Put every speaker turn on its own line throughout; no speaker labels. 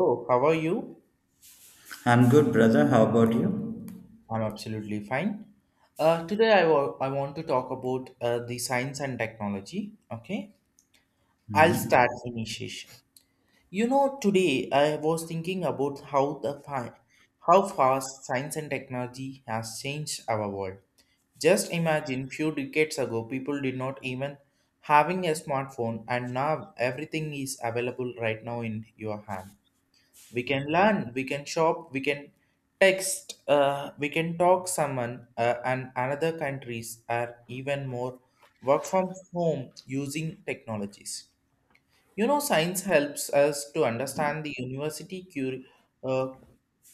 Oh, how are you?
I'm good, brother. How about you?
I'm absolutely fine. Today I want to talk about the science and technology. Okay, I'll start
Hmm.
initiation. You know, today I was thinking about how fast science and technology has changed our world. Just imagine few decades ago, people did not even having a smartphone, and now everything is available right now in your hand. We can learn, we can shop, we can text, we can talk someone, and another countries are even more work from home using technologies. You know, science helps us to understand the university cure, uh,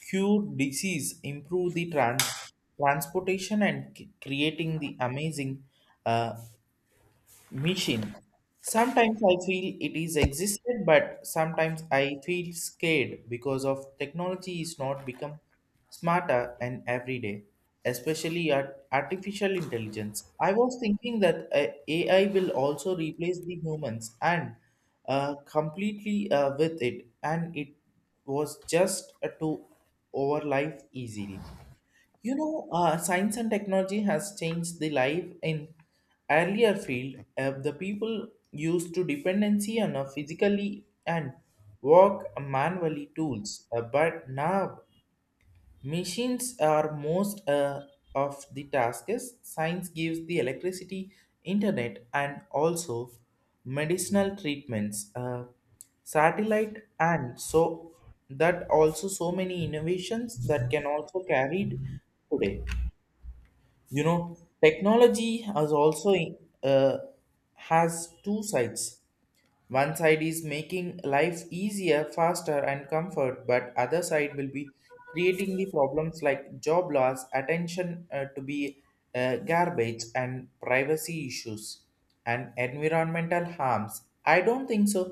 cure disease, improve the transportation and creating the amazing uh, machine. Sometimes I feel it is existed, but sometimes I feel scared because of technology is not become smarter and every day, especially at artificial intelligence. I was thinking that AI will also replace the humans and completely with it, and it was just to over life easily. You know, science and technology has changed the life in earlier field. The people used to dependency on a physically and work manually tools, but now machines are most of the tasks. Science gives the electricity, internet, and also medicinal treatments, satellite, and so that also so many innovations that can also carried today. You know, technology has also, uh, has two sides. One side is making life easier, faster and comfort, but other side will be creating the problems like job loss, attention, to be garbage and privacy issues and environmental harms. I don't think so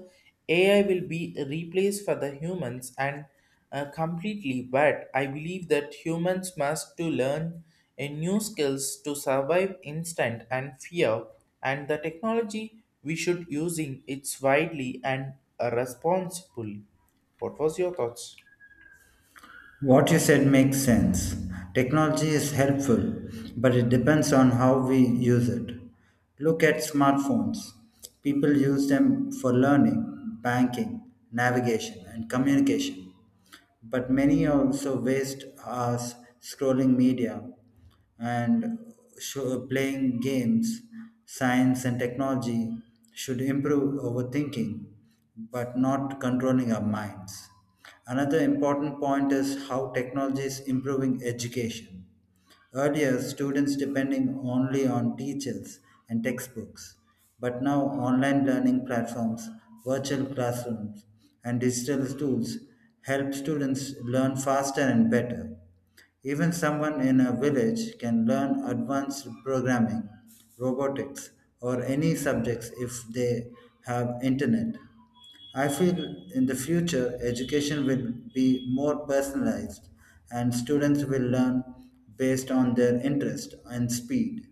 AI will be replaced for the humans and completely, but I believe that humans must to learn a new skills to survive instant and fear, and the technology we should using it's widely and responsibly. What was your thoughts?
What you said makes sense. Technology is helpful, but it depends on how we use it. Look at smartphones. People use them for learning, banking, navigation, and communication. But many also waste hours scrolling media and show, playing games. Science and technology should improve overthinking but not controlling our minds. Another important point is how technology is improving education. Earlier, students depending only on teachers and textbooks, but now online learning platforms, virtual classrooms, and digital tools help students learn faster and better. Even someone in a village can learn advanced programming, robotics, or any subjects if they have internet. I feel in the future education will be more personalized and students will learn based on their interest and speed.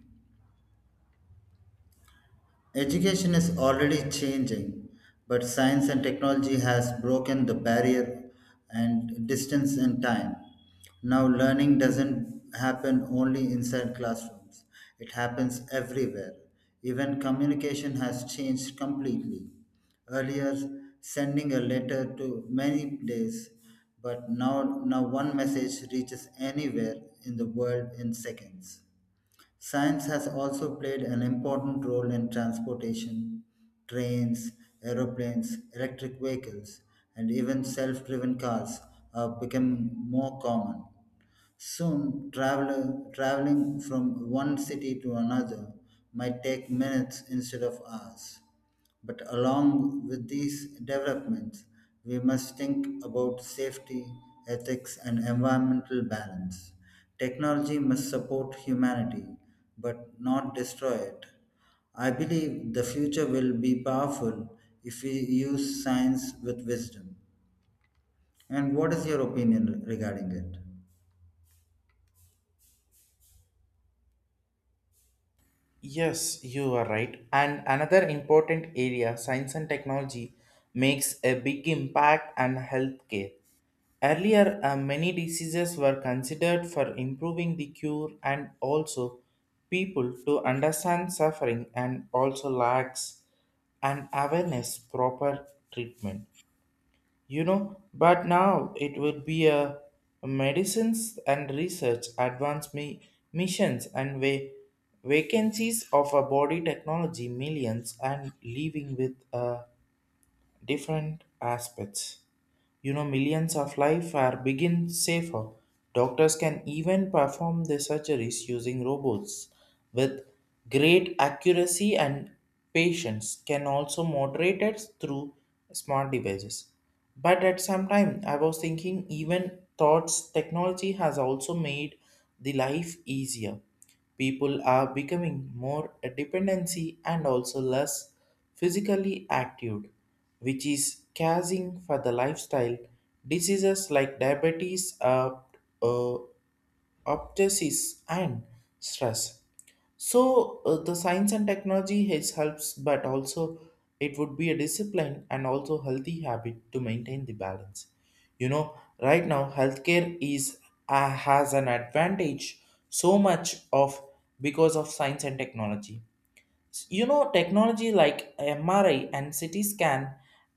Education is already changing, but science and technology has broken the barrier and distance and time. Now learning doesn't happen only inside classrooms. It happens everywhere. Even communication has changed completely. Earlier sending a letter to many days, but now one message reaches anywhere in the world in seconds. Science has also played an important role in transportation, trains, aeroplanes, electric vehicles, and even self driven cars are becoming more common. Soon, traveling from one city to another might take minutes instead of hours. But along with these developments, we must think about safety, ethics, and environmental balance. Technology must support humanity, but not destroy it. I believe the future will be powerful if we use science with wisdom. And what is your opinion regarding it?
Yes, you are right. And another important area, science and technology, makes a big impact on healthcare. Earlier, many diseases were considered for improving the cure and also people to understand suffering and also lacks an awareness proper treatment. You know, but now it would be a medicines and research advanced me missions and vacancies of a body technology millions and living with different aspects. You know, millions of lives are begin safer. Doctors can even perform the surgeries using robots with great accuracy and patients can also moderate it through smart devices. But at some time, I was thinking even thoughts technology has also made the life easier. People are becoming more dependency and also less physically active, which is causing for the lifestyle diseases like diabetes, uh, obstetrics, and stress. So the science and technology has helps, but also it would be a discipline and also healthy habit to maintain the balance. You know, right now healthcare is, has an advantage so much of because of science and technology. You know, technology like MRI and CT scan,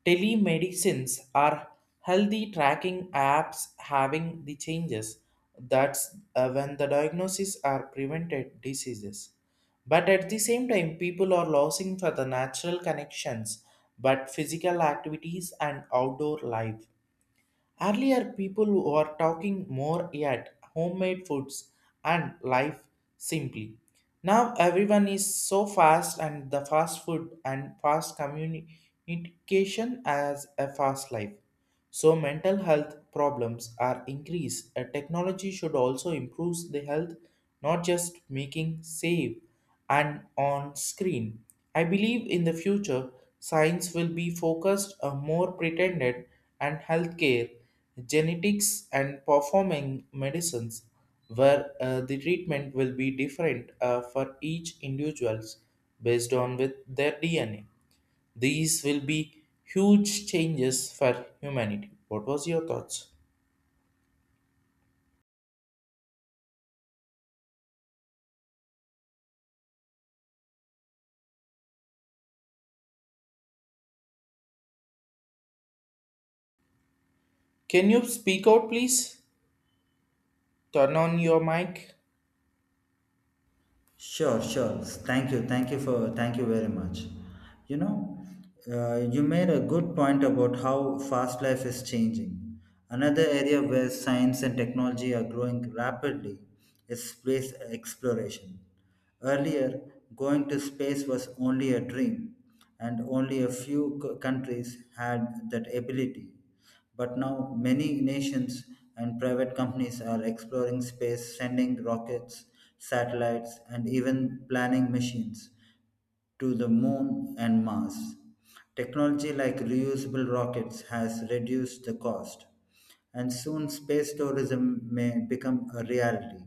telemedicines are healthy tracking apps having the changes. That's when the diagnosis are prevented diseases. But at the same time, people are losing for the natural connections, but physical activities and outdoor life. Earlier, people were talking more at homemade foods and life simply. Now, everyone is so fast, and the fast food and fast communication as a fast life. So, mental health problems are increased. A technology should also improve the health, not just making safe and on screen. I believe in the future, science will be focused more pretended and healthcare, genetics and performing medicines, where the treatment will be different for each individuals based on with their DNA. These will be huge changes for humanity. What was your thoughts? Can you speak out, please? Turn on your mic.
Sure, sure. Thank you. Thank you for Thank you very much. You know, you made a good point about how fast life is changing. Another area where science and technology are growing rapidly is space exploration. Earlier, going to space was only a dream, and only a few countries had that ability. But now many nations and private companies are exploring space, sending rockets, satellites, and even planning machines to the moon and Mars. Technology like reusable rockets has reduced the cost, and soon space tourism may become a reality.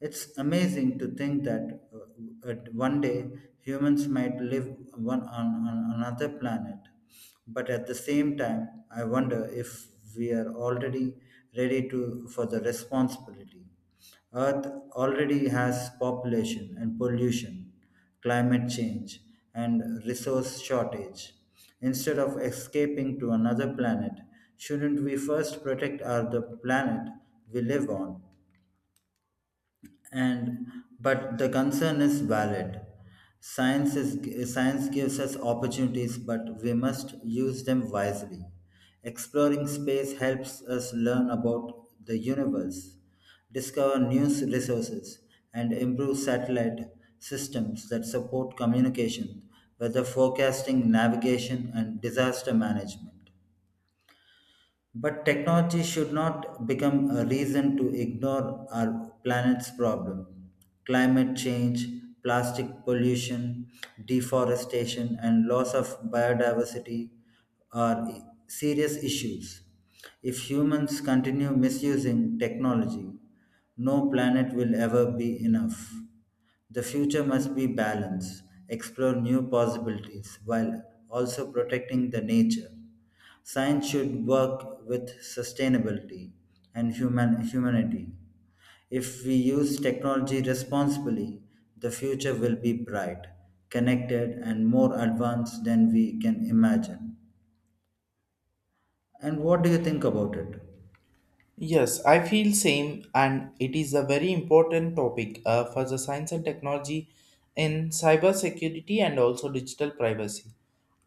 It's amazing to think that at one day humans might live on another planet. But at the same time, I wonder if we are already ready to for the responsibility. Earth already has population and pollution, climate change, and resource shortage. Instead of escaping to another planet, shouldn't we first protect our the planet we live on? And but the concern is valid. Science gives us opportunities, but we must use them wisely. Exploring space helps us learn about the universe, discover new resources, and improve satellite systems that support communication, weather forecasting, navigation, and disaster management, but technology should not become a reason to ignore our planet's problem. Climate change, plastic pollution, deforestation, and loss of biodiversity are serious issues. If humans continue misusing technology, no planet will ever be enough. The future must be balanced, explore new possibilities while also protecting the nature. Science should work with sustainability and humanity. If we use technology responsibly, the future will be bright, connected, and more advanced than we can imagine. And what do you think about it?
Yes, I feel same, and it is a very important topic for the science and technology in cybersecurity and also digital privacy.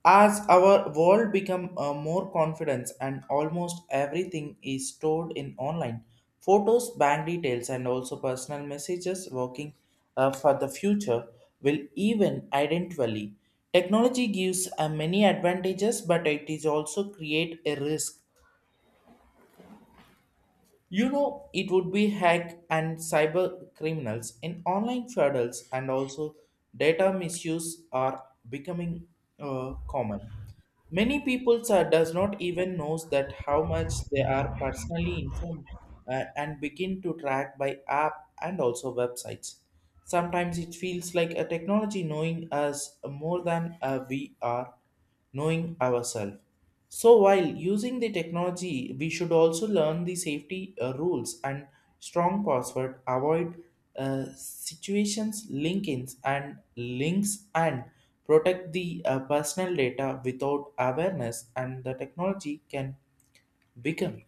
As our world become more confidence and almost everything is stored in online, photos, bank details, and also personal messages working for the future will even identically. Technology gives many advantages, but it is also create a risk. You know, it would be hack and cyber criminals in online fraudulence and also data misuse are becoming common. Many people sir, does not even knows that how much they are personally informed, and begin to track by app and also websites. Sometimes it feels like a technology knowing us more than we are knowing ourselves. So while using the technology, we should also learn the safety rules and strong password, avoid situations, linkins and links and protect the personal data without awareness and the technology can become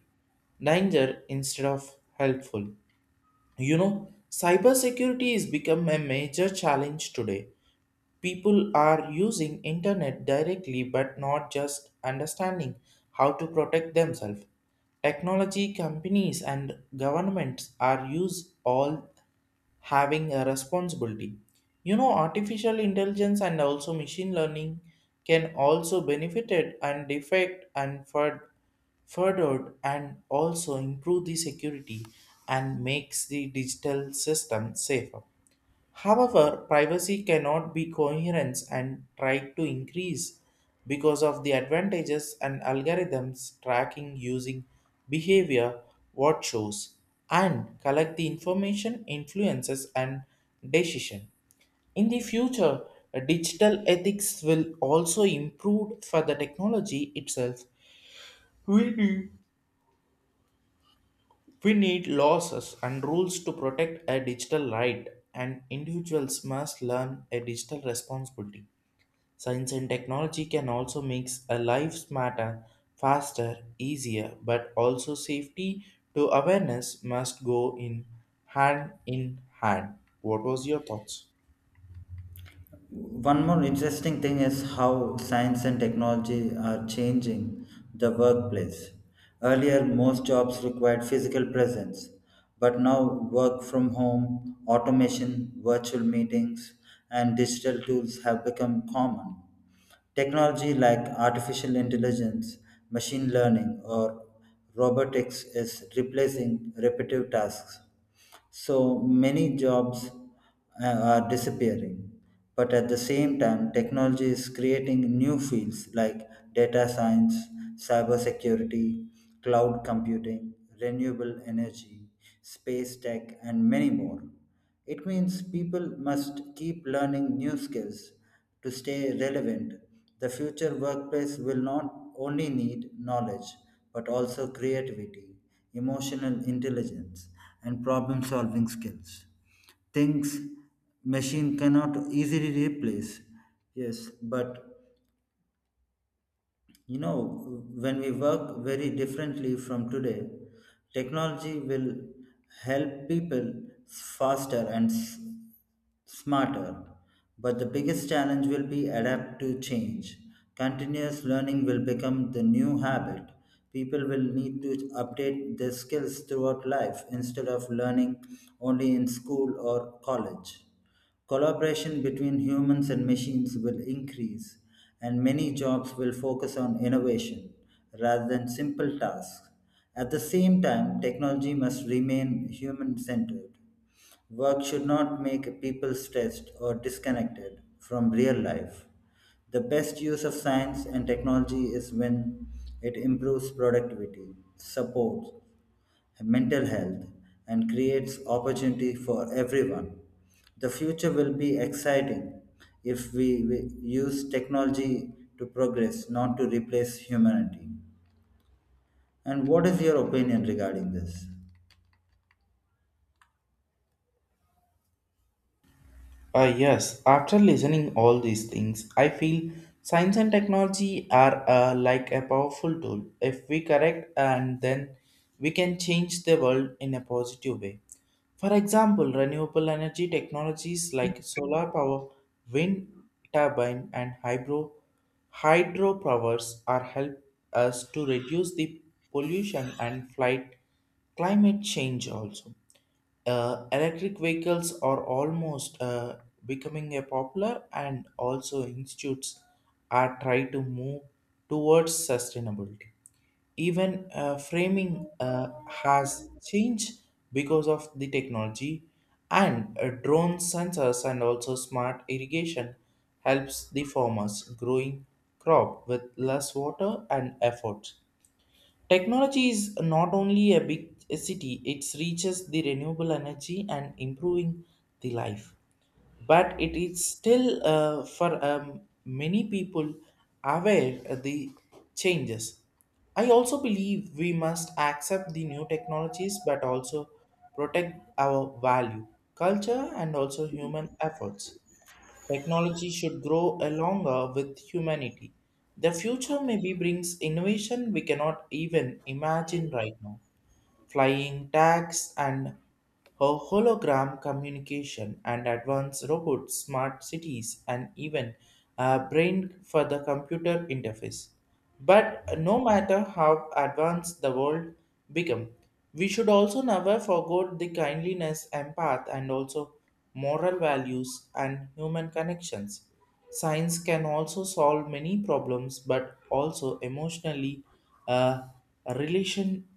danger instead of helpful. You know, cybersecurity is become a major challenge today. People are using internet directly but not just understanding how to protect themselves. Technology companies and governments are use all having a responsibility. You know, artificial intelligence and also machine learning can also benefited and defect and furthered and also improve the security and makes the digital system safer. However, privacy cannot be coherence and tried to increase because of the advantages and algorithms tracking using behavior, what shows, and collect the information, influences, and decision. In the future, digital ethics will also improve for the technology itself. We need, we need laws and rules to protect a digital right, and individuals must learn a digital responsibility. Science and technology can also make a life smarter, faster, easier, but also safety to awareness must go in hand in hand. What was your thoughts?
One more interesting thing is how science and technology are changing the workplace. Earlier, most jobs required physical presence, but now work from home, automation, virtual meetings, and digital tools have become common. Technology like artificial intelligence, machine learning, or robotics is replacing repetitive tasks so many jobs uh, are disappearing. But at the same time, technology is creating new fields like data science, cybersecurity, cloud computing, renewable energy, space tech, and many more. It means people must keep learning new skills to stay relevant. The future workplace will not only need knowledge, but also creativity, emotional intelligence, and problem solving skills. Things machine cannot easily replace. Yes, but you know, when we work very differently from today, technology will help people faster and smarter. But the biggest challenge will be adapt to change. Continuous learning will become the new habit. People will need to update their skills throughout life instead of learning only in school or college. Collaboration between humans and machines will increase, and many jobs will focus on innovation rather than simple tasks. At the same time, technology must remain human centered. Work should not make people stressed or disconnected from real life. The best use of science and technology is when it improves productivity, supports mental health and creates opportunity for everyone. The future will be exciting if we use technology to progress, not to replace humanity. And what is your opinion regarding this?
Yes, after listening all these things, I feel science and technology are like a powerful tool. If we correct and then we can change the world in a positive way. For example, renewable energy technologies like solar power, wind turbine, and hydropowers are help us to reduce the pollution and fight climate change also. Electric vehicles are almost becoming a popular and also institutes are try to move towards sustainability. Even framing has changed because of the technology and drone sensors and also smart irrigation helps the farmers growing crop with less water and effort. Technology is not only a big city, it reaches the renewable energy and improving the life. But it is still for many people aware of the changes. I also believe we must accept the new technologies but also protect our value, culture, and also human efforts. Technology should grow along with humanity. The future maybe brings innovation we cannot even imagine right now, flying tags, and hologram communication, and advanced robots, smart cities, and even a brain for the computer interface. But no matter how advanced the world become, we should also never forget the kindliness, empath, and also moral values and human connections. Science can also solve many problems, but also emotionally, uh, relation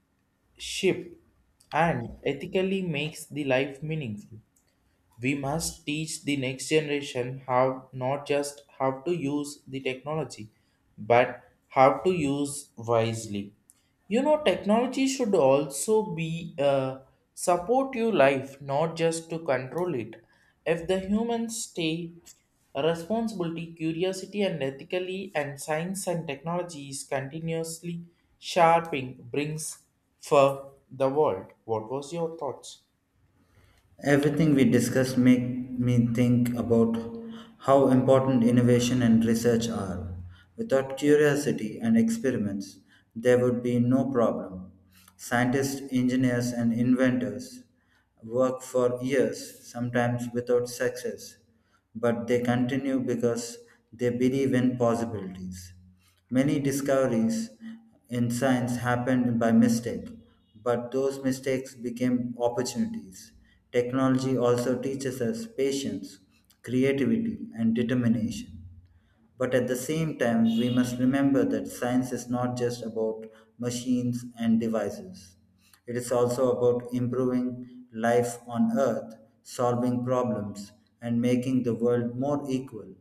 ship and ethically makes the life meaningful. We must teach the next generation how, not just how to use the technology, but how to use wisely. You know, technology should also be support your life, not just to control it. If the humans stay responsibility, curiosity, and ethically, and science and technology is continuously sharpening brings for the world. What was your thoughts?
Everything we discussed make me think about how important innovation and research are. Without curiosity and experiments, there would be no problem. Scientists, engineers, and inventors work for years, sometimes without success, but they continue because they believe in possibilities. Many discoveries in science happened by mistake, but those mistakes became opportunities. Technology also teaches us patience, creativity, and determination. But at the same time, we must remember that science is not just about machines and devices. It is also about improving life on Earth, solving problems, and making the world more equal.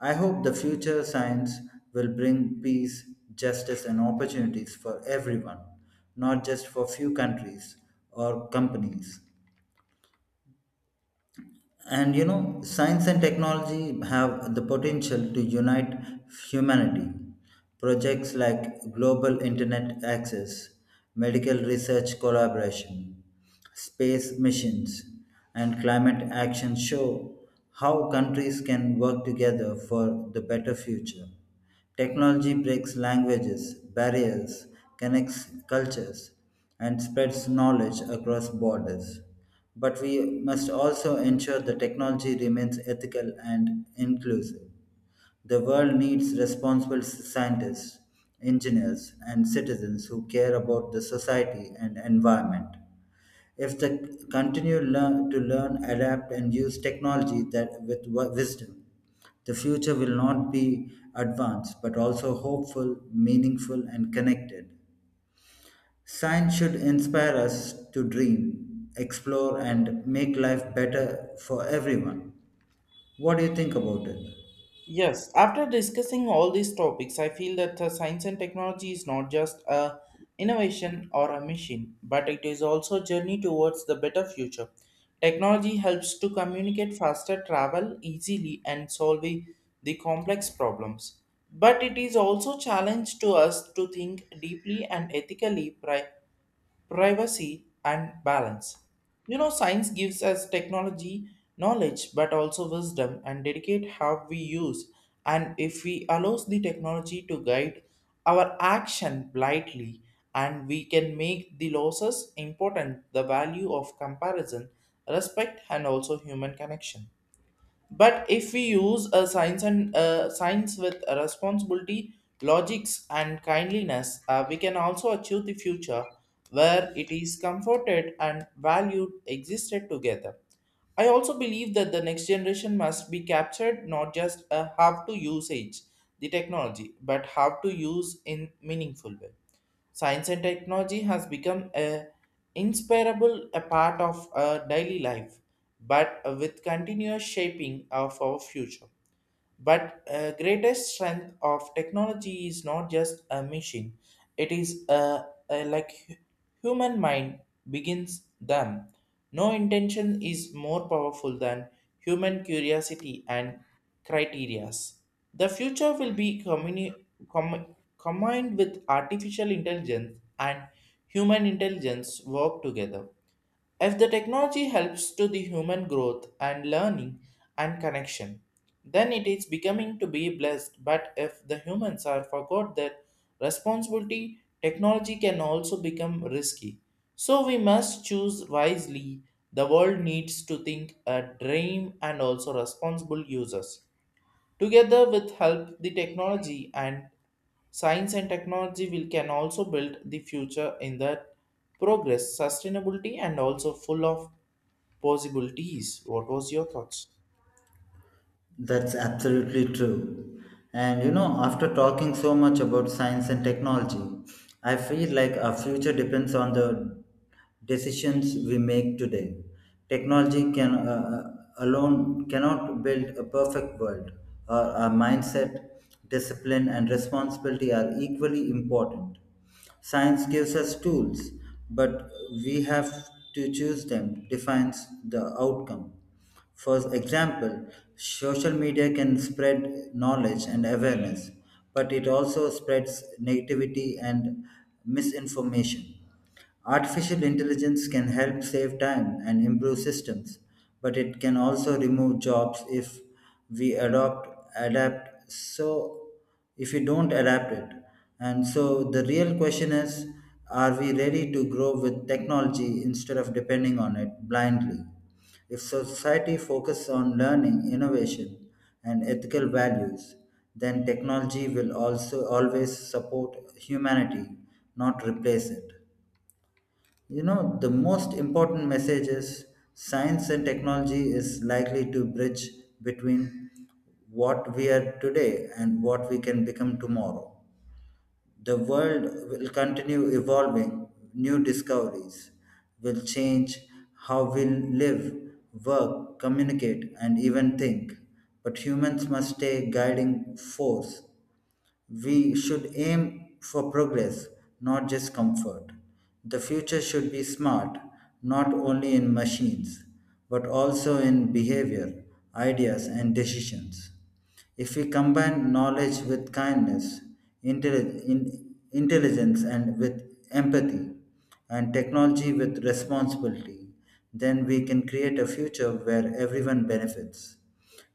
I hope the future science will bring peace, justice, and opportunities for everyone, not just for few countries or companies. And you know, science and technology have the potential to unite humanity. Projects like global internet access, medical research collaboration, space missions, and climate action show how countries can work together for the better future. Technology breaks languages, barriers, connects cultures, and spreads knowledge across borders. But we must also ensure the technology remains ethical and inclusive. The world needs responsible scientists, engineers, and citizens who care about the society and environment. If they to learn, adapt, and use technology that with wisdom, the future will not be advanced but also hopeful, meaningful, and connected. Science should inspire us to dream, explore, and make life better for everyone. What do you think about it?
Yes, after discussing all these topics, I feel that the science and technology is not just a innovation or a machine, but it is also a journey towards the better future. Technology helps to communicate faster, travel easily, and solve the complex problems. But it is also challenge to us to think deeply and ethically. Right? Privacy and balance. You know, science gives us technology knowledge but also wisdom and dedicate how we use, and if we allows the technology to guide our action blindly and we can make the losses important the value of comparison, respect and also human connection. But if we use a science and science with a responsibility, logics, and kindliness, we can also achieve the future where it is comforted and valued existed together. I also believe that the next generation must be captured, not just how to usage the technology, but how to use in meaningful way. Science and technology has become a inseparable a part of our daily life, but with continuous shaping of our future. But greatest strength of technology is not just a machine; it is like human mind begins them. No intention is more powerful than human curiosity and criterias. The future will be combined with artificial intelligence and human intelligence work together. If the technology helps to the human growth and learning and connection, then it is becoming to be blessed. But if the humans are forgot their responsibility, technology can also become risky. So we must choose wisely. The world needs to think a dream and also responsible users. Together with help, the technology and science and technology will can also build the future in the progress, sustainability, and also full of possibilities. What was your thoughts?
That's absolutely true. And you know, after talking so much about science and technology, I feel like our future depends on the decisions we make today. Technology can uh, alone cannot build a perfect world. Our mindset, discipline, and responsibility are equally important. Science gives us tools, but we have to choose them defines the outcome. For example, social media can spread knowledge and awareness, but it also spreads negativity and misinformation. Artificial intelligence can help save time and improve systems, but it can also remove jobs if we adopt adapt so if you don't adapt it. And so the real question is, are we ready to grow with technology instead of depending on it blindly? If society focuses on learning, innovation, and ethical values, then technology will also always support humanity, not replace it. You know, the most important message is science and technology is likely to bridge between what we are today and what we can become tomorrow. The world will continue evolving, new discoveries will change how we live, work, communicate, and even think. But humans must stay guiding force. We should aim for progress, not just comfort. The future should be smart, not only in machines, but also in behavior, ideas, and decisions. If we combine knowledge with kindness, intelligence and with empathy, and technology with responsibility, then we can create a future where everyone benefits.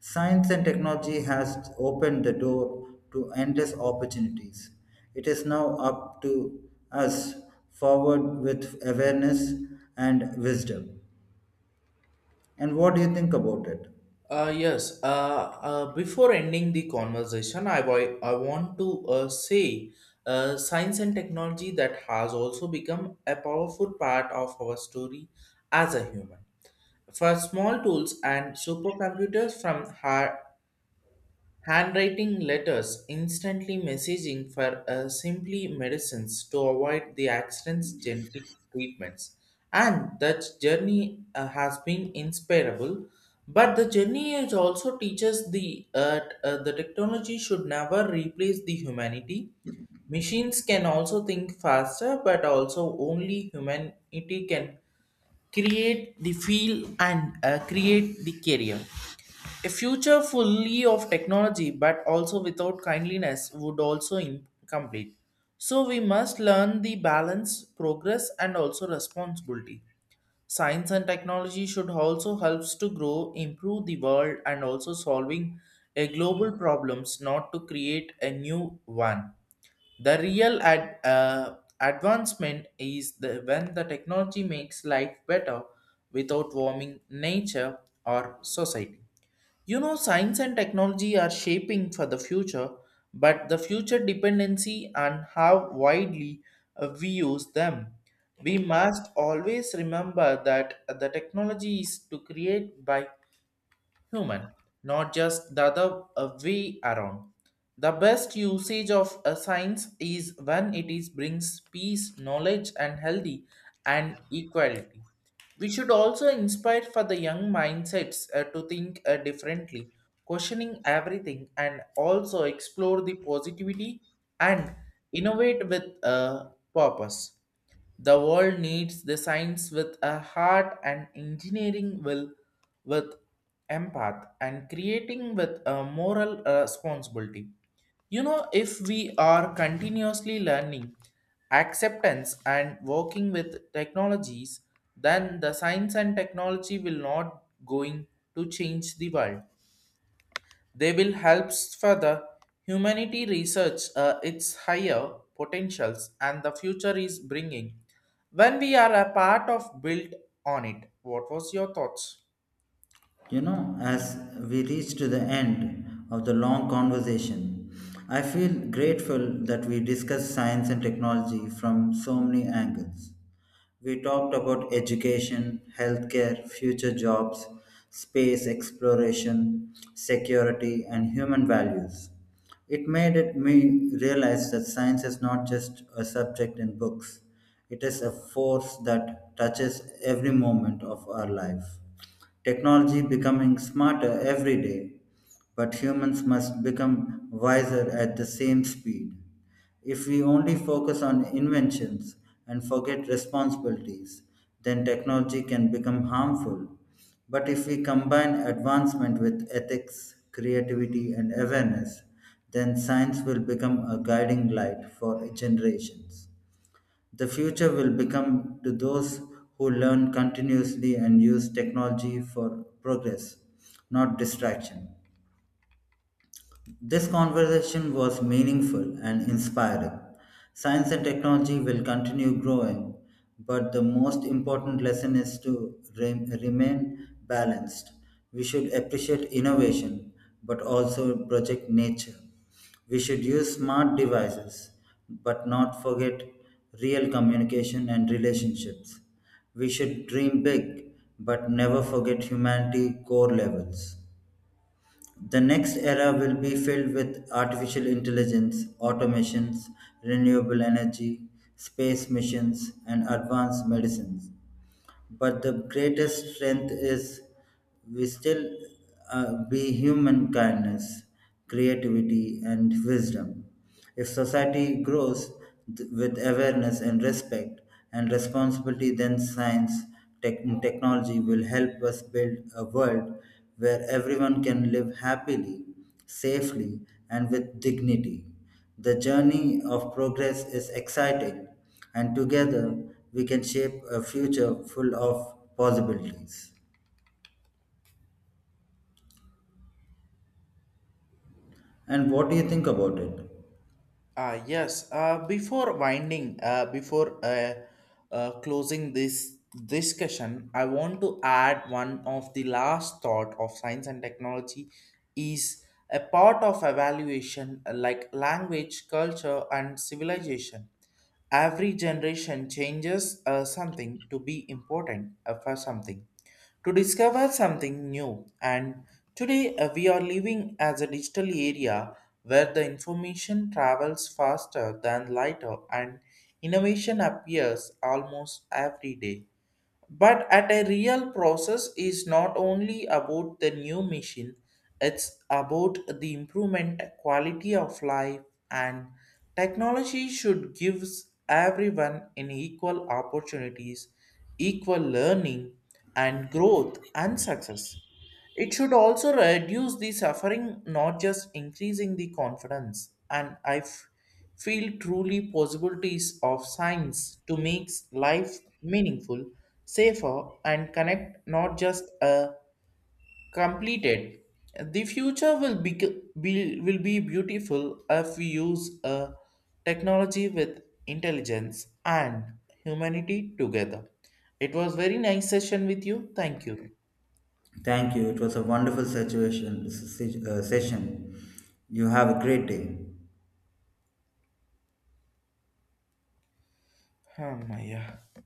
Science and technology has opened the door to endless opportunities. It is now up to us forward with awareness and wisdom. And what do you think about it?
Uh, yes. Uh, Before ending the conversation, I want to say science and technology that has also become a powerful part of our story as a human. For small tools and supercomputers from hard handwriting letters, instantly messaging for simply medicines to avoid the accidents, genetic treatments. And that journey has been inspirable. But the journey is also teaches the the technology should never replace the humanity. Machines can also think faster, but also only humanity can create the feel and create the career. A future fully of technology but also without kindliness would also incomplete. So we must learn the balance, progress and also responsibility. Science and technology should also helps to grow, improve the world and also solving a global problems not to create a new one. The real advancement is the, when the technology makes life better without warming nature or society. You know, science and technology are shaping for the future, but the future dependency and how widely we use them. We must always remember that the technology is to create by human, not just the other way around. The best usage of a science is when it is brings peace, knowledge, and healthy and equality. We should also inspire for the young mindsets to think differently, questioning everything, and also explore the positivity and innovate with a purpose. The world needs the science with a heart and engineering will with empath and creating with a moral responsibility. You know, if we are continuously learning acceptance and working with technologies, then the science and technology will not going to change the world, they will help further humanity research its higher potentials and the future is bringing when we are a part of built on it. What was your thoughts?
You know, as we reach to the end of the long conversation, I feel grateful that we discuss science and technology from so many angles. We talked about education, healthcare, future jobs, space exploration, security, and human values. It made it me realize that science is not just a subject in books, it is a force that touches every moment of our life. Technology becoming smarter every day, but humans must become wiser at the same speed. If we only focus on inventions and forget responsibilities, then technology can become harmful. But if we combine advancement with ethics, creativity, and awareness, then science will become a guiding light for generations. The future will become to those who learn continuously and use technology for progress, not distraction. This conversation was meaningful and inspiring. Science and technology will continue growing, but the most important lesson is to remain balanced. We should appreciate innovation, but also project nature. We should use smart devices, but not forget real communication and relationships. We should dream big, but never forget humanity core levels. The next era will be filled with artificial intelligence, automations, renewable energy, space missions, and advanced medicines. But the greatest strength is we still be human kindness, creativity, and wisdom. If society grows with awareness and respect and responsibility, then science and technology will help us build a world where everyone can live happily, safely, and with dignity. The journey of progress is exciting, and together we can shape a future full of possibilities. And what do you think about it?
Yes, before winding, before Closing this discussion, I want to add one of the last thought of science and technology is a part of evaluation like language, culture, and civilization. Every generation changes something to be important for something, to discover something new. And today we are living as a digital area where the information travels faster than lighter and innovation appears almost every day. But at a real process is not only about the new machine, it's about the improvement quality of life and technology should gives everyone an equal opportunities, equal learning and growth and success. It should also reduce the suffering, not just increasing the confidence. And feel truly possibilities of science to make life meaningful, safer, and connect not just completed. The future will be beautiful if we use technology with intelligence and humanity together. It was very nice session with you. Thank you.
Thank you. It was a wonderful situation, session. You have a great day.
Oh my yeah.